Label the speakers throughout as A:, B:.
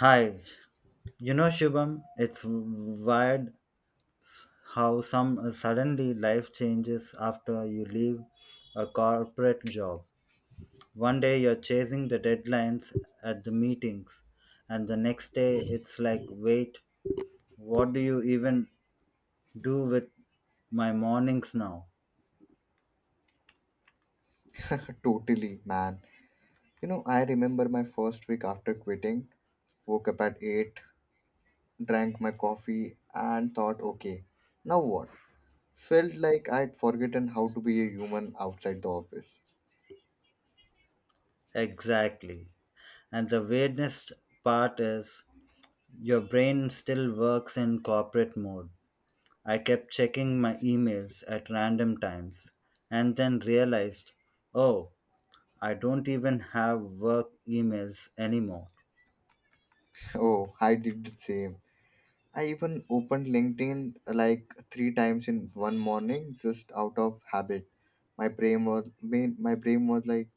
A: Hi, you know Shubham, it's weird how some suddenly life changes after you leave a corporate job. One day you're chasing the deadlines at the meetings, and the next day it's like, wait, what do you even do with my mornings now?
B: Totally, man. You know, I remember my first week after quitting, woke up at 8, drank my coffee, and thought, okay, now what? Felt like I'd forgotten how to be a human outside the office.
A: Exactly. And the weirdest part is your brain still works in corporate mode. I kept checking my emails at random times and then realized, oh, I don't even have work emails anymore.
B: Oh, I did the same. I even opened LinkedIn like three times in one morning just out of habit. My brain was, my brain was like,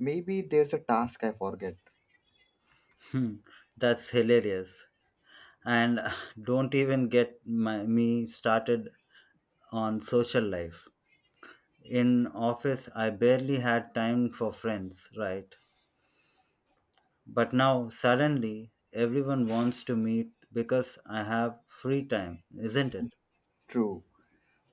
B: maybe there's a task I forget.
A: Hmm. That's hilarious. And don't even get me started on social life. In office, I barely had time for friends, right? But now, suddenly, everyone wants to meet because I have free time, isn't it?
B: True,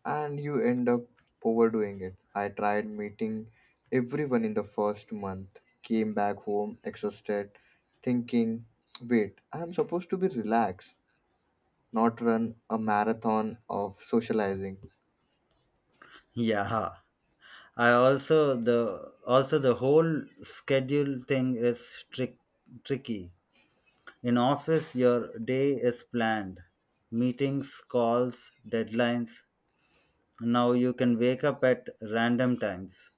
B: and you end up overdoing it. I tried meeting everyone in the first month, came back home exhausted, thinking, wait, I'm supposed to be relaxed, not run a marathon of socializing.
A: Yeah. I also the whole schedule thing is tricky. In office, your day is planned, meetings, calls, deadlines. Now you can wake up at random times.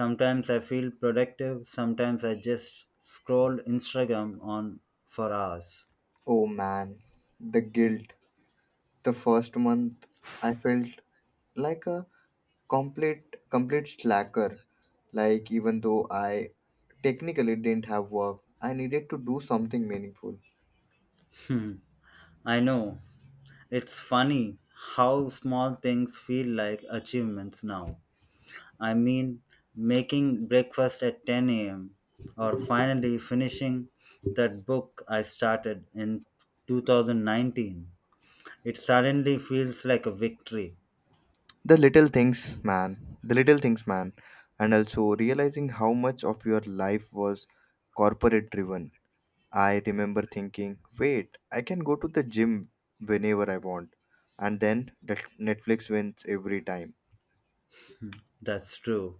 A: Sometimes I feel productive. Sometimes I just scroll Instagram on for hours.
B: Oh man, the guilt. The first month, I felt like a complete slacker like even though I technically didn't have work I needed to do something meaningful.
A: Hmm. I know. It's funny how small things feel like achievements now. I mean, making breakfast at 10 a.m. or finally finishing that book I started in 2019. It suddenly feels like a victory.
B: The little things, man. The little things, man. And also realizing how much of your life was corporate driven. I remember thinking, wait, I can go to the gym whenever I want. And then that Netflix wins every time.
A: That's true.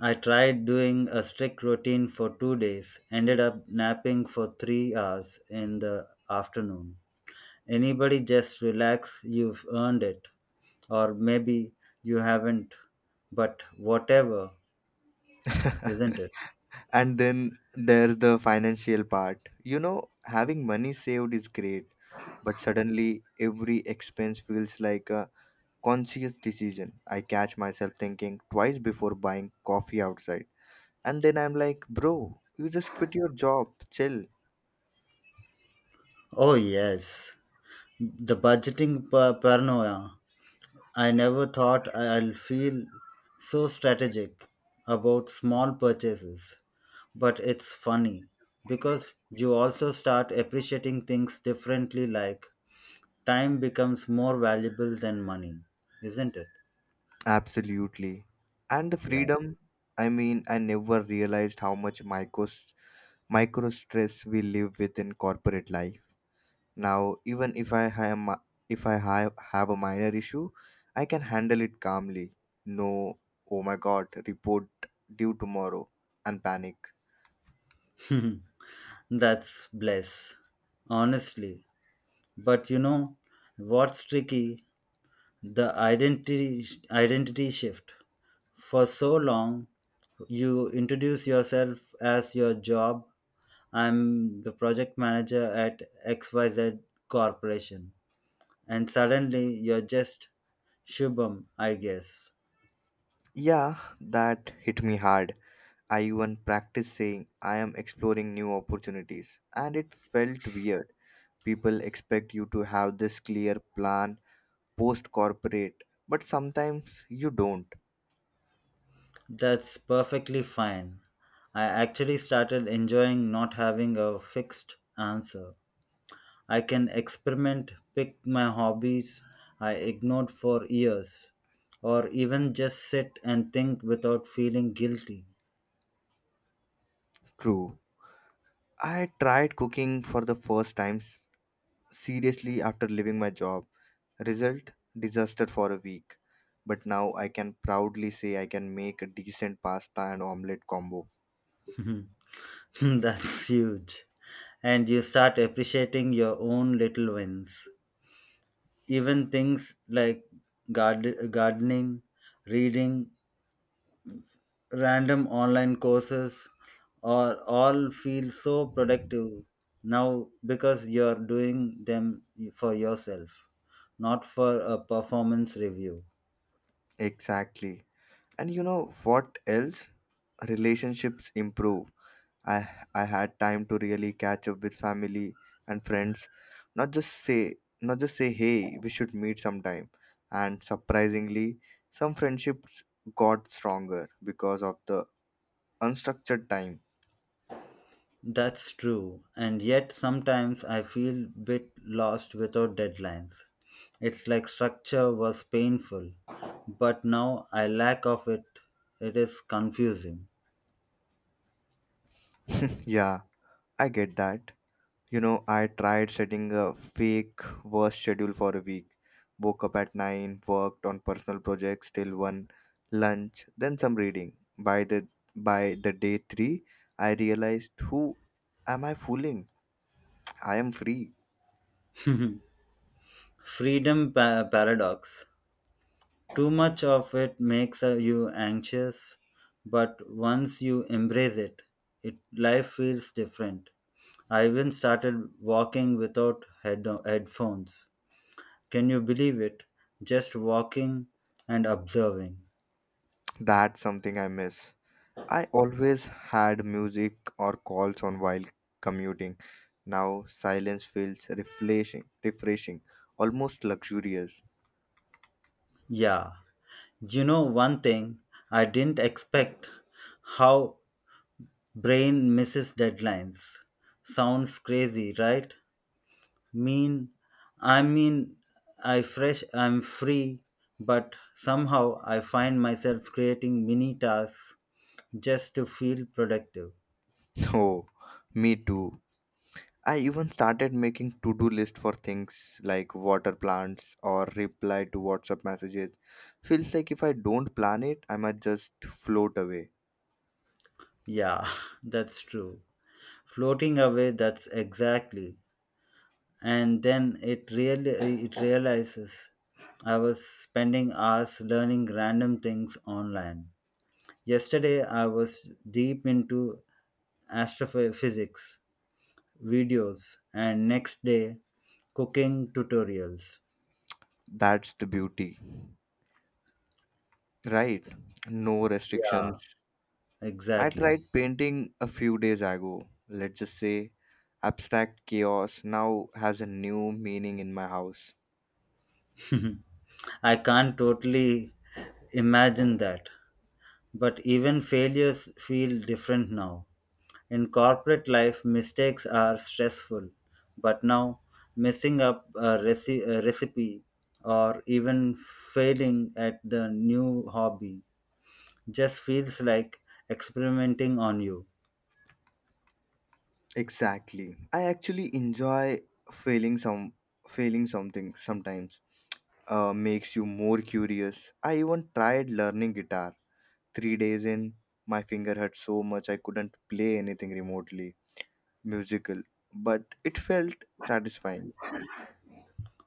A: I tried doing a strict routine for 2 days, ended up napping for 3 hours in the afternoon. Anybody just relax, you've earned it. Or maybe you haven't, but whatever, isn't it?
B: And then there's the financial part. You know, having money saved is great, but suddenly every expense feels like a conscious decision. I catch myself thinking twice before buying coffee outside. And then I'm like, bro, you just quit your job, chill.
A: Oh, yes. The budgeting paranoia. I never thought I'll feel so strategic about small purchases. But it's funny because you also start appreciating things differently, like time becomes more valuable than money, isn't it?
B: Absolutely. And the
A: Yeah.
B: freedom, I mean, I never realized how much micro stress we live with in corporate life. Now, even if I have, if I have a minor issue, I can handle it calmly. No, oh my god, report due tomorrow and panic.
A: That's bless, honestly. But you know what's tricky? The identity shift. For so long, you introduce yourself as your job. I'm the project manager at XYZ Corporation. And suddenly you're just Shubham, I guess.
B: Yeah, that hit me hard. I even practiced saying I am exploring new opportunities, and it felt weird. People expect you to have this clear plan post corporate, but sometimes you don't.
A: That's perfectly fine. I actually started enjoying not having a fixed answer. I can experiment, pick my hobbies I ignored for years, or even just sit and think without feeling guilty.
B: True. I tried cooking for the first time seriously after leaving my job. Result disaster for a week. But now I can proudly say I can make a decent pasta and omelette combo.
A: That's huge. And you start appreciating your own little wins. Even things like gardening, reading, random online courses, or all feel so productive now because you're doing them for yourself, not for a performance review.
B: Exactly. And you know what else? Relationships improve. I I had time to really catch up with family and friends, not just say not just say hey, we should meet sometime. And surprisingly, some friendships got stronger because of the unstructured time.
A: That's true, and yet sometimes I feel bit lost without deadlines. It's like structure was painful, but now I lack of it. It is confusing.
B: Yeah, I get that. You know, I tried setting a fake work schedule for a week. Woke up at 9, worked on personal projects till 1, lunch, then some reading. By the day 3, I realized who am I fooling? I am free.
A: Freedom paradox. Too much of it makes you anxious, but once you embrace it, life feels different. I even started walking without headphones. Can you believe it? Just walking and observing.
B: That's something I miss. I always had music or calls on while commuting. Now silence feels refreshing, almost luxurious.
A: Yeah, you know one thing I didn't expect how brain misses deadlines. Sounds crazy, right? Mean I mean I'm free, but somehow I find myself creating mini tasks just to feel productive.
B: Oh, me too. I even started making to-do list for things like water plants or reply to WhatsApp messages. Feels like if I don't plan it, I might just float away.
A: Yeah, that's true. Floating away, that's exactly and then it realizes I was spending hours learning random things online. Yesterday I was deep into astrophysics videos and next day cooking tutorials.
B: That's the beauty, right? No
A: Yeah,
B: restrictions. I
A: exactly.
B: tried painting a few days ago. Let's just say abstract chaos now has a new meaning in my house.
A: I can't totally imagine that. But even failures feel different now. In corporate life, mistakes are stressful, but now messing up a recipe or even failing at the new hobby just feels like experimenting on you.
B: Exactly. I actually enjoy failing some failing something sometimes. Makes you more curious. I even tried learning guitar. 3 days in, my finger hurt so much I couldn't play anything remotely musical, but it felt satisfying.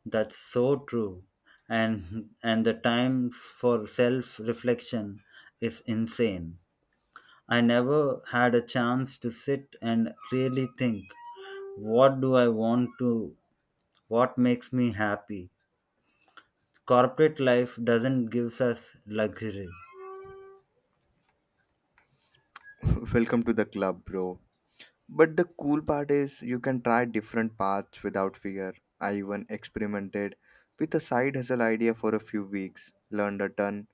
A: That's so true. And the times for self-reflection is insane. I never had a chance to sit and really think what do I want to, what makes me happy. Corporate life doesn't give us luxury.
B: Welcome to the club, bro. But the cool part is you can try different paths without fear. I even experimented with a side hustle idea for a few weeks, learned a ton,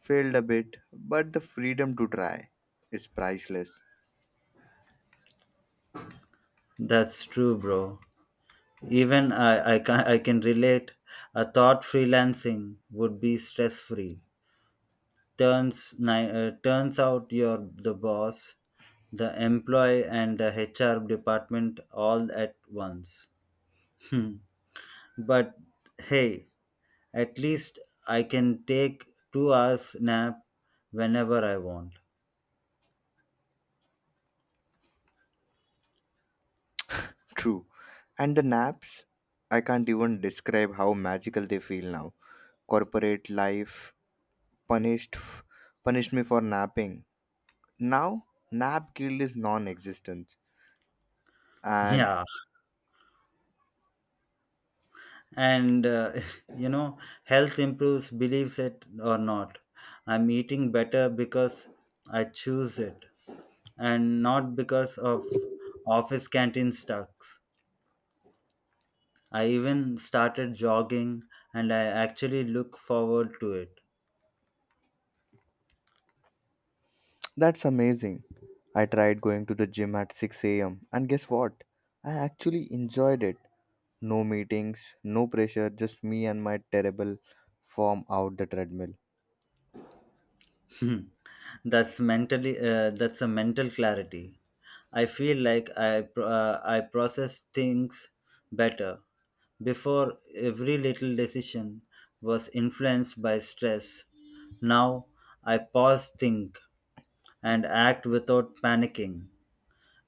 B: failed a bit, but the freedom to try is priceless.
A: That's true, bro. Even I can relate. I thought freelancing would be stress free. Turns out you're the boss, the employee, and the HR department all at once. Hmm. But hey, at least I can take 2 hours nap whenever I want.
B: True. And the naps, I can't even describe how magical they feel now. Corporate life punished punished me for napping. Now, nap guilt is non-existent. And
A: Yeah. And you know, health improves believes it or not. I'm eating better because I choose it and not because of office canteen stocks. I even started jogging and I actually look forward to it.
B: that's amazing. I tried going to the gym at 6 a.m., and guess what? I actually enjoyed it. No meetings, no pressure, just me and my terrible form out the treadmill.
A: Hmm. That's mentally that's a mental clarity. I feel like I process things better. Before every little decision was influenced by stress. Now I pause, think, and act without panicking.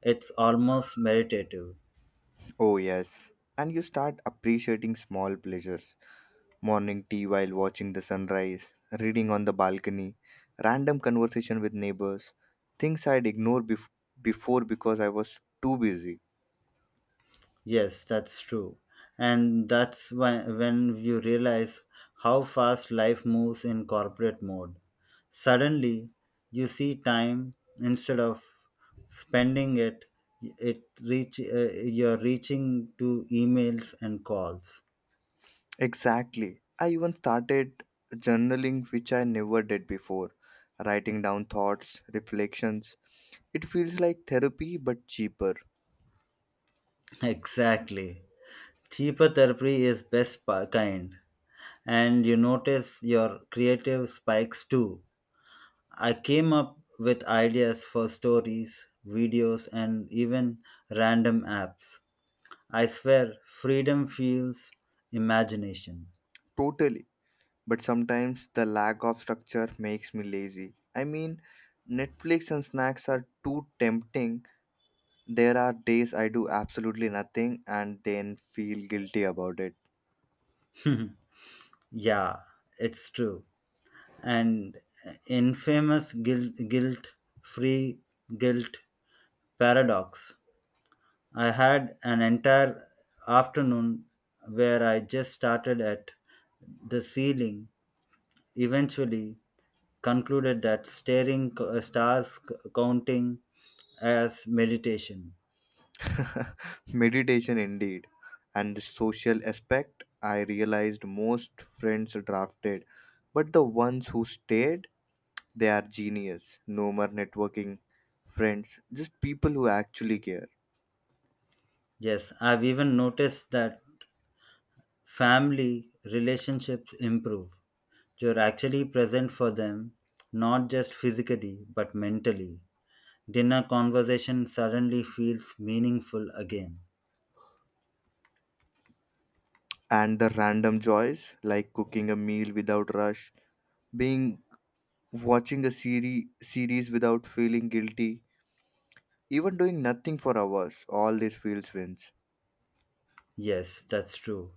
A: It's almost meditative.
B: Oh, yes. And you start appreciating small pleasures morning tea while watching the sunrise, reading on the balcony, random conversation with neighbors, things I'd ignore before because I was too busy.
A: Yes, that's true. And that's when you realize how fast life moves in corporate mode. Suddenly, you see time instead of spending it, it reach you're reaching to emails and calls.
B: Exactly. I even started journaling, which I never did before, writing down thoughts, reflections. It feels like therapy but cheaper.
A: Exactly. Cheaper therapy is best kind. And you notice your creative spikes too. I came up with ideas for stories, videos, and even random apps. I swear, freedom fuels imagination.
B: Totally. But sometimes the lack of structure makes me lazy. I mean, Netflix and snacks are too tempting. There are days I do absolutely nothing and then feel guilty about it.
A: Yeah, it's true. And infamous guilt free guilt paradox. I had an entire afternoon where I just started at the ceiling. Eventually, concluded that stars counting as meditation.
B: Meditation indeed. And the social aspect, I realized most friends drafted, but the ones who stayed, they are genius. No more networking friends, just people who actually care.
A: Yes, I've even noticed that family relationships improve. You're actually present for them, not just physically, but mentally. Dinner conversation suddenly feels meaningful again.
B: And the random joys, like cooking a meal without rush, being watching a series without feeling guilty, even doing nothing for hours, all these feels wins.
A: Yes, that's true.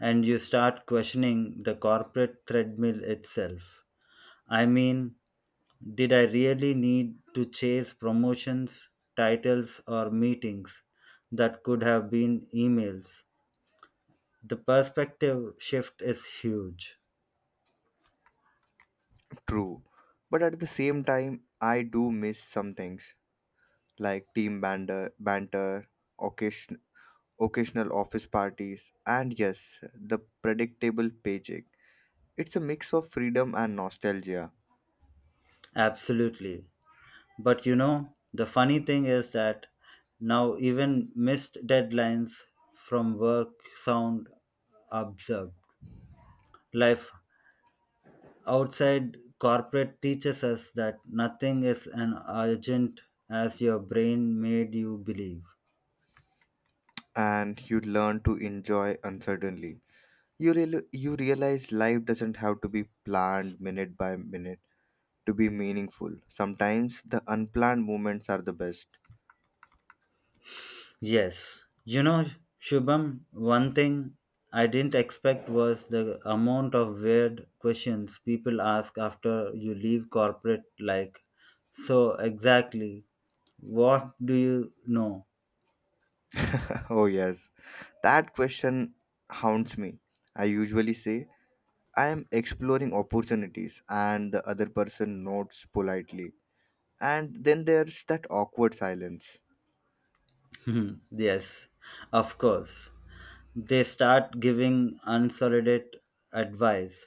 A: And you start questioning the corporate treadmill itself. I mean, did I really need to chase promotions, titles, or meetings that could have been emails? The perspective shift is huge.
B: True. But at the same time, I do miss some things like team banter, occasion, occasional office parties, and yes, the predictable paycheck. It's a mix of freedom and nostalgia,
A: Absolutely. But you know, the funny thing is that now even missed deadlines from work sound absurd. Life outside corporate teaches us that nothing is as urgent as your brain made you believe.
B: and you learn to enjoy uncertainty. You realize life doesn't have to be planned minute by minute to be meaningful. Sometimes the unplanned moments are the best.
A: Yes, you know, Shubham, one thing I didn't expect was the amount of weird questions people ask after you leave corporate, like, so exactly, what do you know?
B: Oh, yes. That question haunts me. I usually say, I am exploring opportunities, and the other person nods politely. And then there's that awkward silence.
A: Yes, of course. They start giving unsolicited advice.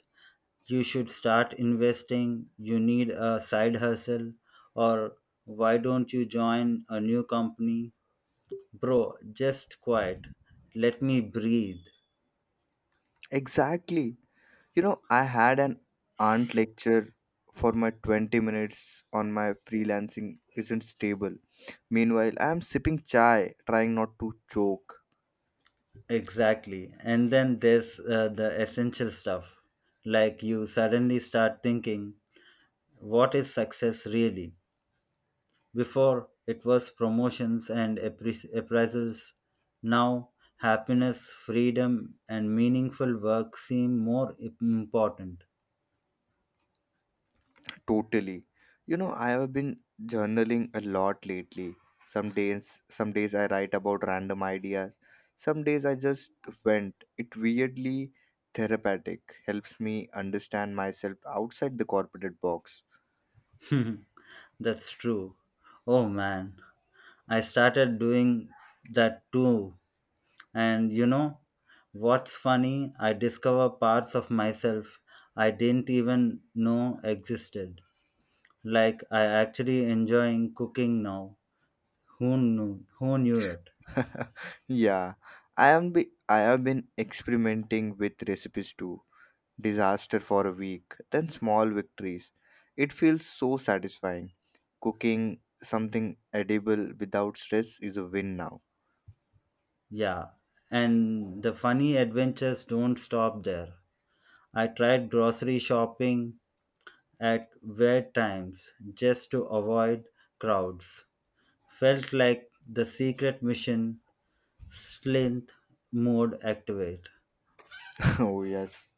A: You should start investing, you need a side hustle, or why don't you join a new company? Bro, just quiet. Let me breathe.
B: Exactly. You know, I had an aunt lecture for my 20 minutes on my freelancing isn't stable. Meanwhile, I am sipping chai, trying not to choke.
A: Exactly. And then there's the essential stuff. Like you suddenly start thinking, what is success really? Before, it was promotions and appraisals. Now, happiness, freedom, and meaningful work seem more important.
B: Totally. You know, I have been journaling a lot lately. Some days I write about random ideas. Some days I just went. It weirdly therapeutic. Helps me understand myself outside the corporate box.
A: That's true. Oh man, I started doing that too. And you know what's funny? I discover parts of myself I didn't even know existed. Like I actually enjoying cooking now. Who knew? Who knew it?
B: Yeah, I have been experimenting with recipes too. Disaster for a week, then small victories. It feels so satisfying. Cooking something edible without stress is a win now.
A: Yeah. And the funny adventures don't stop there. I tried grocery shopping at weird times just to avoid crowds. Felt like the secret mission slint mode activate.
B: Oh yes.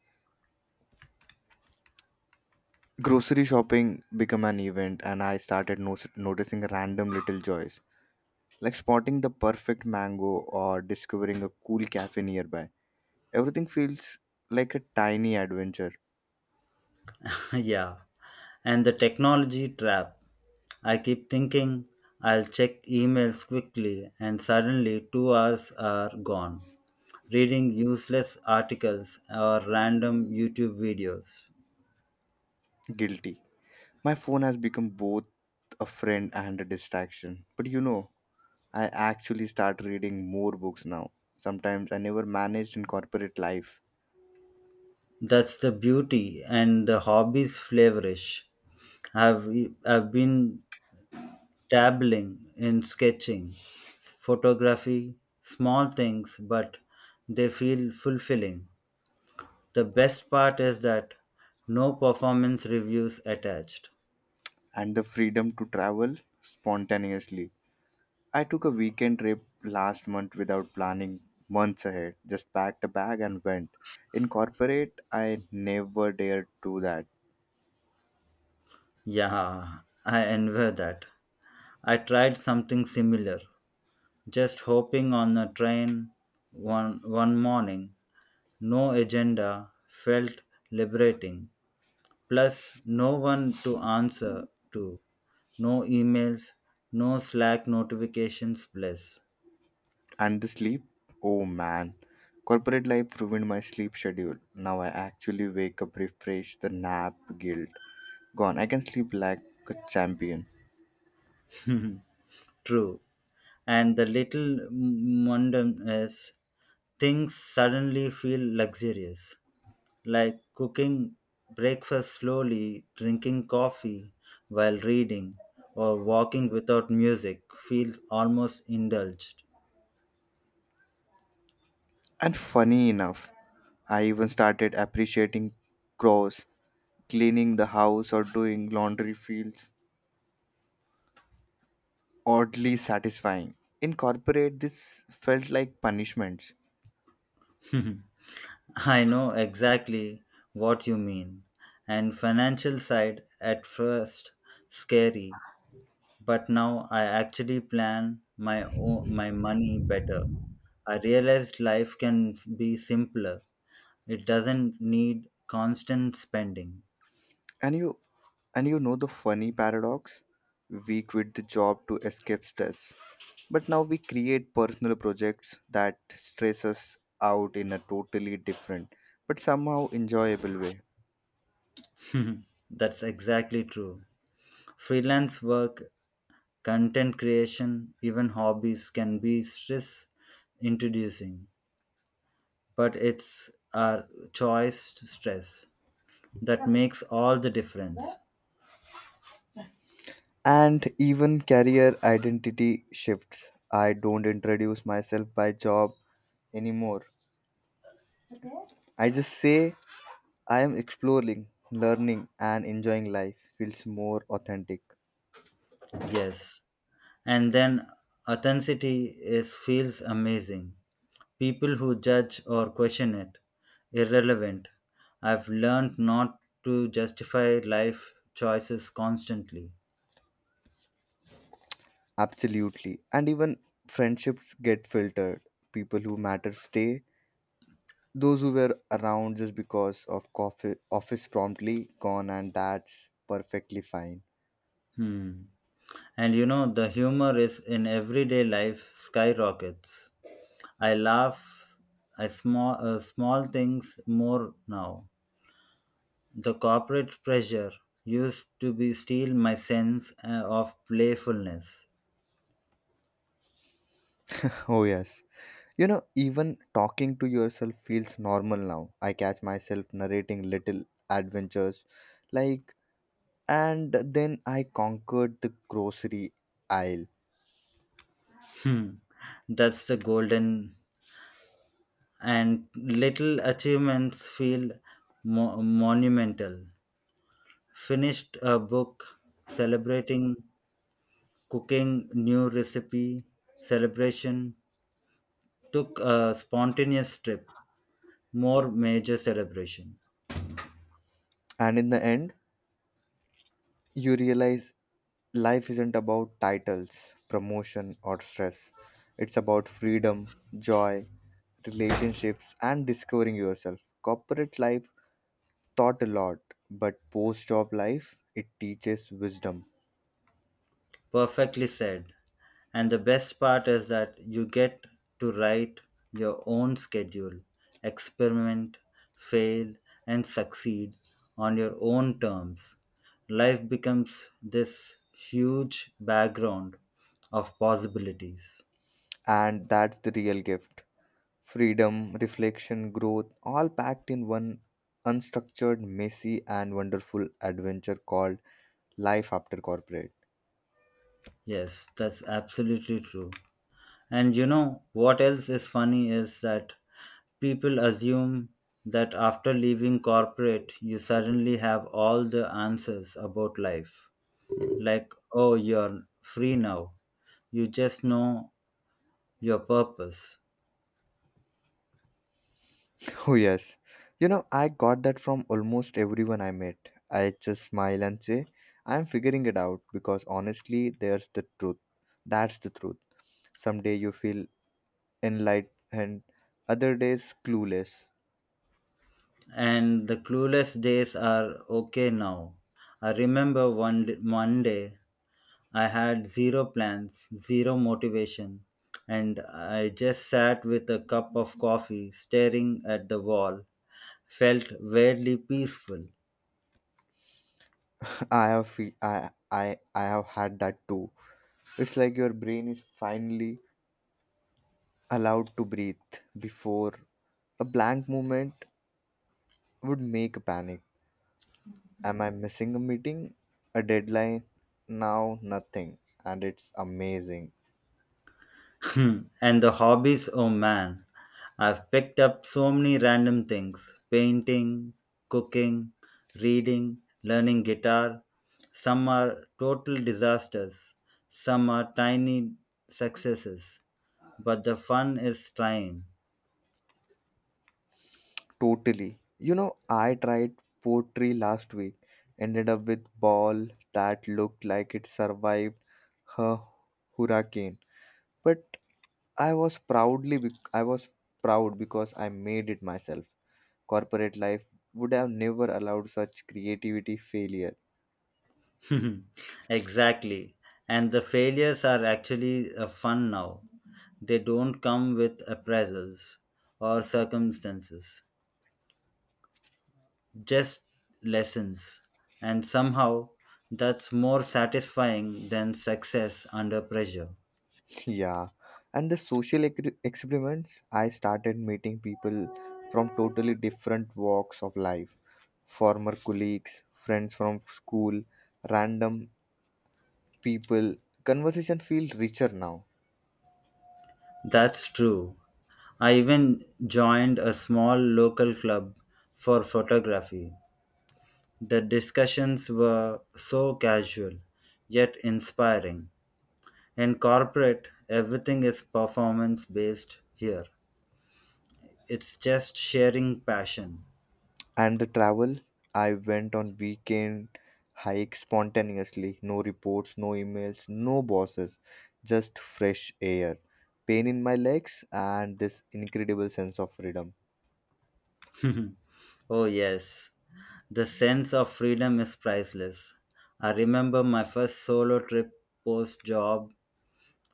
B: Grocery shopping became an event and I started noticing random little joys, like spotting the perfect mango or discovering a cool cafe nearby. Everything feels like a tiny adventure.
A: Yeah, and the technology trap. I keep thinking I'll check emails quickly, and suddenly 2 hours are gone reading useless articles or random YouTube videos.
B: Guilty. My phone has become both a friend and a distraction. But you know, I actually start reading more books now. Sometimes I never managed in corporate life.
A: That's the beauty and the hobby's flavorish. I've, I've been dabbling in sketching, photography, small things, but they feel fulfilling. The best part is that no performance reviews attached.
B: And the freedom to travel spontaneously, I took a weekend trip last month without planning months ahead. Just packed a bag and went. In corporate, I never dared do that.
A: Yeah, I envy that. I tried something similar, just hopping on a train one morning. No agenda felt liberating. Plus, no one to answer to. No emails, no Slack notifications, bless.
B: And the sleep? Oh man. Corporate life ruined my sleep schedule. Now I actually wake up refreshed, the nap guilt gone. I can sleep like a champion.
A: True. And the little mundanes things suddenly feel luxurious, like cooking breakfast slowly, drinking coffee while reading, or walking without music feels almost indulged.
B: And funny enough, I even started appreciating chores, cleaning the house or doing laundry feels oddly satisfying. In corporate, this felt like punishment.
A: I know exactly what you mean. And financial side at first scary. But now I actually plan my money better. I realized life can be simpler. It doesn't need constant spending.
B: And you and you know the funny paradox? We quit the job to escape stress. But now we create personal projects that stress us out in a totally different but somehow enjoyable way.
A: That's exactly true. Freelance work, content creation, even hobbies can be stress introducing, but it's our choice to stress that makes all the difference.
B: And even career identity shifts. I don't introduce myself by job anymore. I just say I am exploring, learning, and enjoying life feels more authentic.
A: Yes, and then authenticity is feels amazing. People who judge or question it irrelevant. I've learned not to justify life choices constantly.
B: Absolutely. And even friendships get filtered. People who matter stay. Those who were around just because of coffee, office promptly gone, and that's perfectly fine.
A: Hmm. And you know, the humor is in everyday life skyrockets. I laugh at small things more now. The corporate pressure used to be steal my sense of playfulness.
B: Oh, yes. You know, even talking to yourself feels normal now. I catch myself narrating little adventures like, and then I conquered the grocery aisle.
A: Hmm. That's the golden and little achievements feel monumental. Finished a book, celebrating cooking new recipe, celebration, took a spontaneous trip, more major celebration.
B: And in the end, you realize life isn't about titles, promotion, or stress. It's about freedom, joy, relationships, and discovering yourself. Corporate life taught a lot, but post job life, it teaches wisdom.
A: Perfectly said. And the best part is that you get to write your own schedule, experiment, fail, and succeed on your own terms. Life becomes this huge background of possibilities.
B: And that's the real gift freedom, reflection, growth, all packed in one unstructured, messy, and wonderful adventure called life after corporate.
A: Yes, that's absolutely true. And you know what else is funny is that people assume that after leaving corporate, you suddenly have all the answers about life. Like, oh, you're free now. You just know your purpose.
B: Oh, yes. You know, I got that from almost everyone I met. I just smile and say, I'm figuring it out because honestly, there's the truth. That's the truth. Someday you feel enlightened, other days clueless.
A: And the clueless days are okay now. I remember one day I had zero plans, zero motivation, and I just sat with a cup of coffee staring at the wall felt weirdly peaceful.
B: I have fe- I have had that too. It's like your brain is finally allowed to breathe before a blank moment would make a panic. Am I missing a meeting? A deadline? Now nothing. And it's amazing.
A: Hmm. And the hobbies, oh man, I've picked up so many random things painting, cooking, reading, learning guitar. Some are total disasters, some are tiny successes, but the fun is trying.
B: Totally. You know, I tried poetry last week, ended up with ball that looked like it survived her hurricane. But I was proud because I made it myself. Corporate life would have never allowed such creativity failure.
A: Exactly. And the failures are actually fun now. They don't come with appraisals or circumstances. Just lessons. And somehow that's more satisfying than success under pressure.
B: Yeah, and the social experiments, I started meeting people from totally different walks of life former colleagues, friends from school, random people. Conversation feels richer now.
A: That's true. I even joined a small local club for photography. The discussions were so casual, yet inspiring. In corporate, everything is performance based here. It's just sharing passion.
B: And the travel, I went on weekend hikes spontaneously. No reports, no emails, no bosses, just fresh air, pain in my legs, and this incredible sense of freedom.
A: Oh, yes. The sense of freedom is priceless. I remember my first solo trip post job,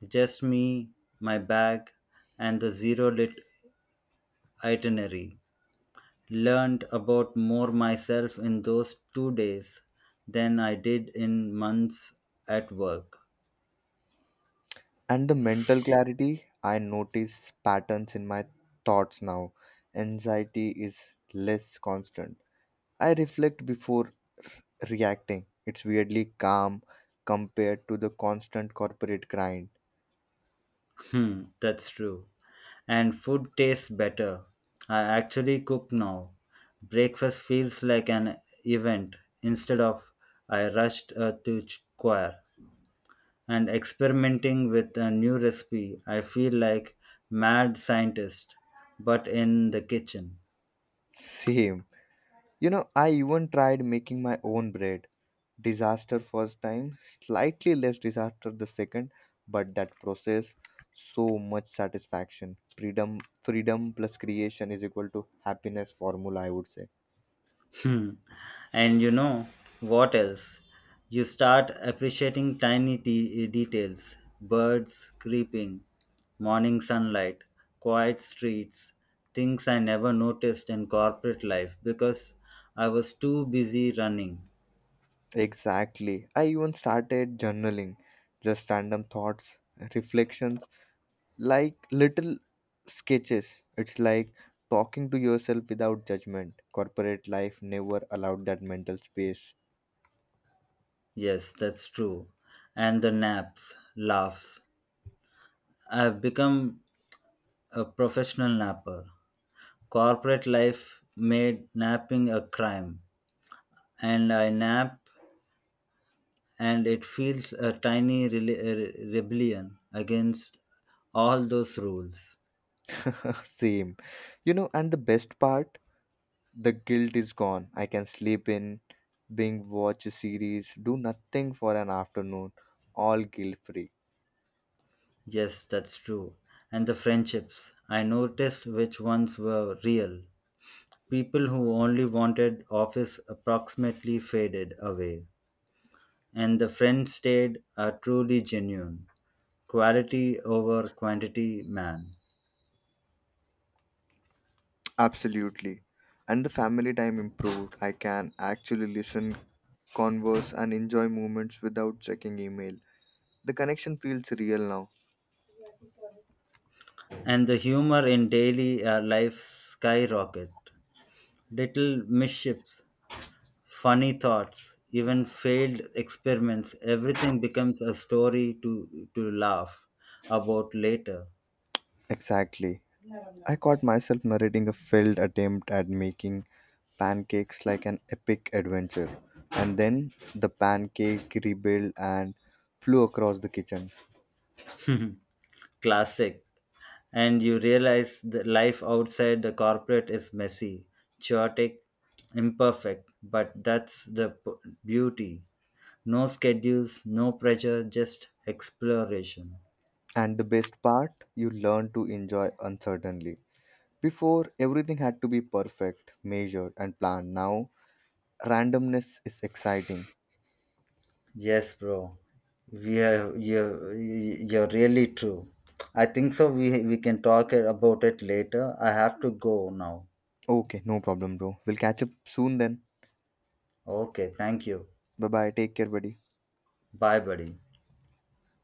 A: just me, my bag, and the zero lit itinerary. Learned about more myself in those 2 days than I did in months at work.
B: And the mental clarity, I notice patterns in my thoughts now, anxiety is less constant, I reflect before reacting. It's weirdly calm compared to the constant corporate grind.
A: Hmm, that's true. And food tastes better. I actually cook now. Breakfast feels like an event instead of I rushed to choir. And experimenting with a new recipe, I feel like mad scientist, but in the kitchen.
B: Same. You know, I even tried making my own bread, disaster first time, slightly less disaster the second, but that process, so much satisfaction. Freedom plus creation is equal to happiness formula I would say.
A: Hmm. And you know what else? You start appreciating tiny details birds creeping, morning sunlight, quiet streets, things I never noticed in corporate life because I was too busy running.
B: Exactly. I even started journaling, just random thoughts, reflections, like little sketches. It's like talking to yourself without judgment. Corporate life never allowed that mental space.
A: Yes, that's true. And the naps, laughs. I've become a professional napper. Corporate life made napping a crime, and I nap and it feels a tiny rebellion against all those rules.
B: Same. You know, and the best part, the guilt is gone. I can sleep in, binge watch a series, do nothing for an afternoon, all guilt free.
A: Yes, that's true. And the friendships, I noticed which ones were real. People who only wanted office approximately faded away, and the friends stayed are truly genuine. Quality over quantity, man.
B: Absolutely. And the family time improved. I can actually listen, converse, and enjoy moments without checking email. The connection feels real now.
A: And the humor in daily life skyrocket. Little mischiefs. Funny thoughts, even failed experiments, everything becomes a story to laugh about later.
B: Exactly. I caught myself narrating a failed attempt at making pancakes like an epic adventure. And then the pancake rebuilt and flew across the kitchen.
A: Classic. And you realize that life outside the corporate is messy, chaotic, imperfect, but that's the beauty. No schedules, no pressure, just exploration.
B: And the best part, you learn to enjoy uncertainly. Before, everything had to be perfect, measured, and planned. Now, randomness is exciting.
A: Yes, bro. We are you're really true. I think so. We can talk about it later. I have to go now.
B: Okay, no problem, bro. We'll catch up soon then.
A: Okay, thank you.
B: Bye bye. Take care, buddy.
A: Bye, buddy.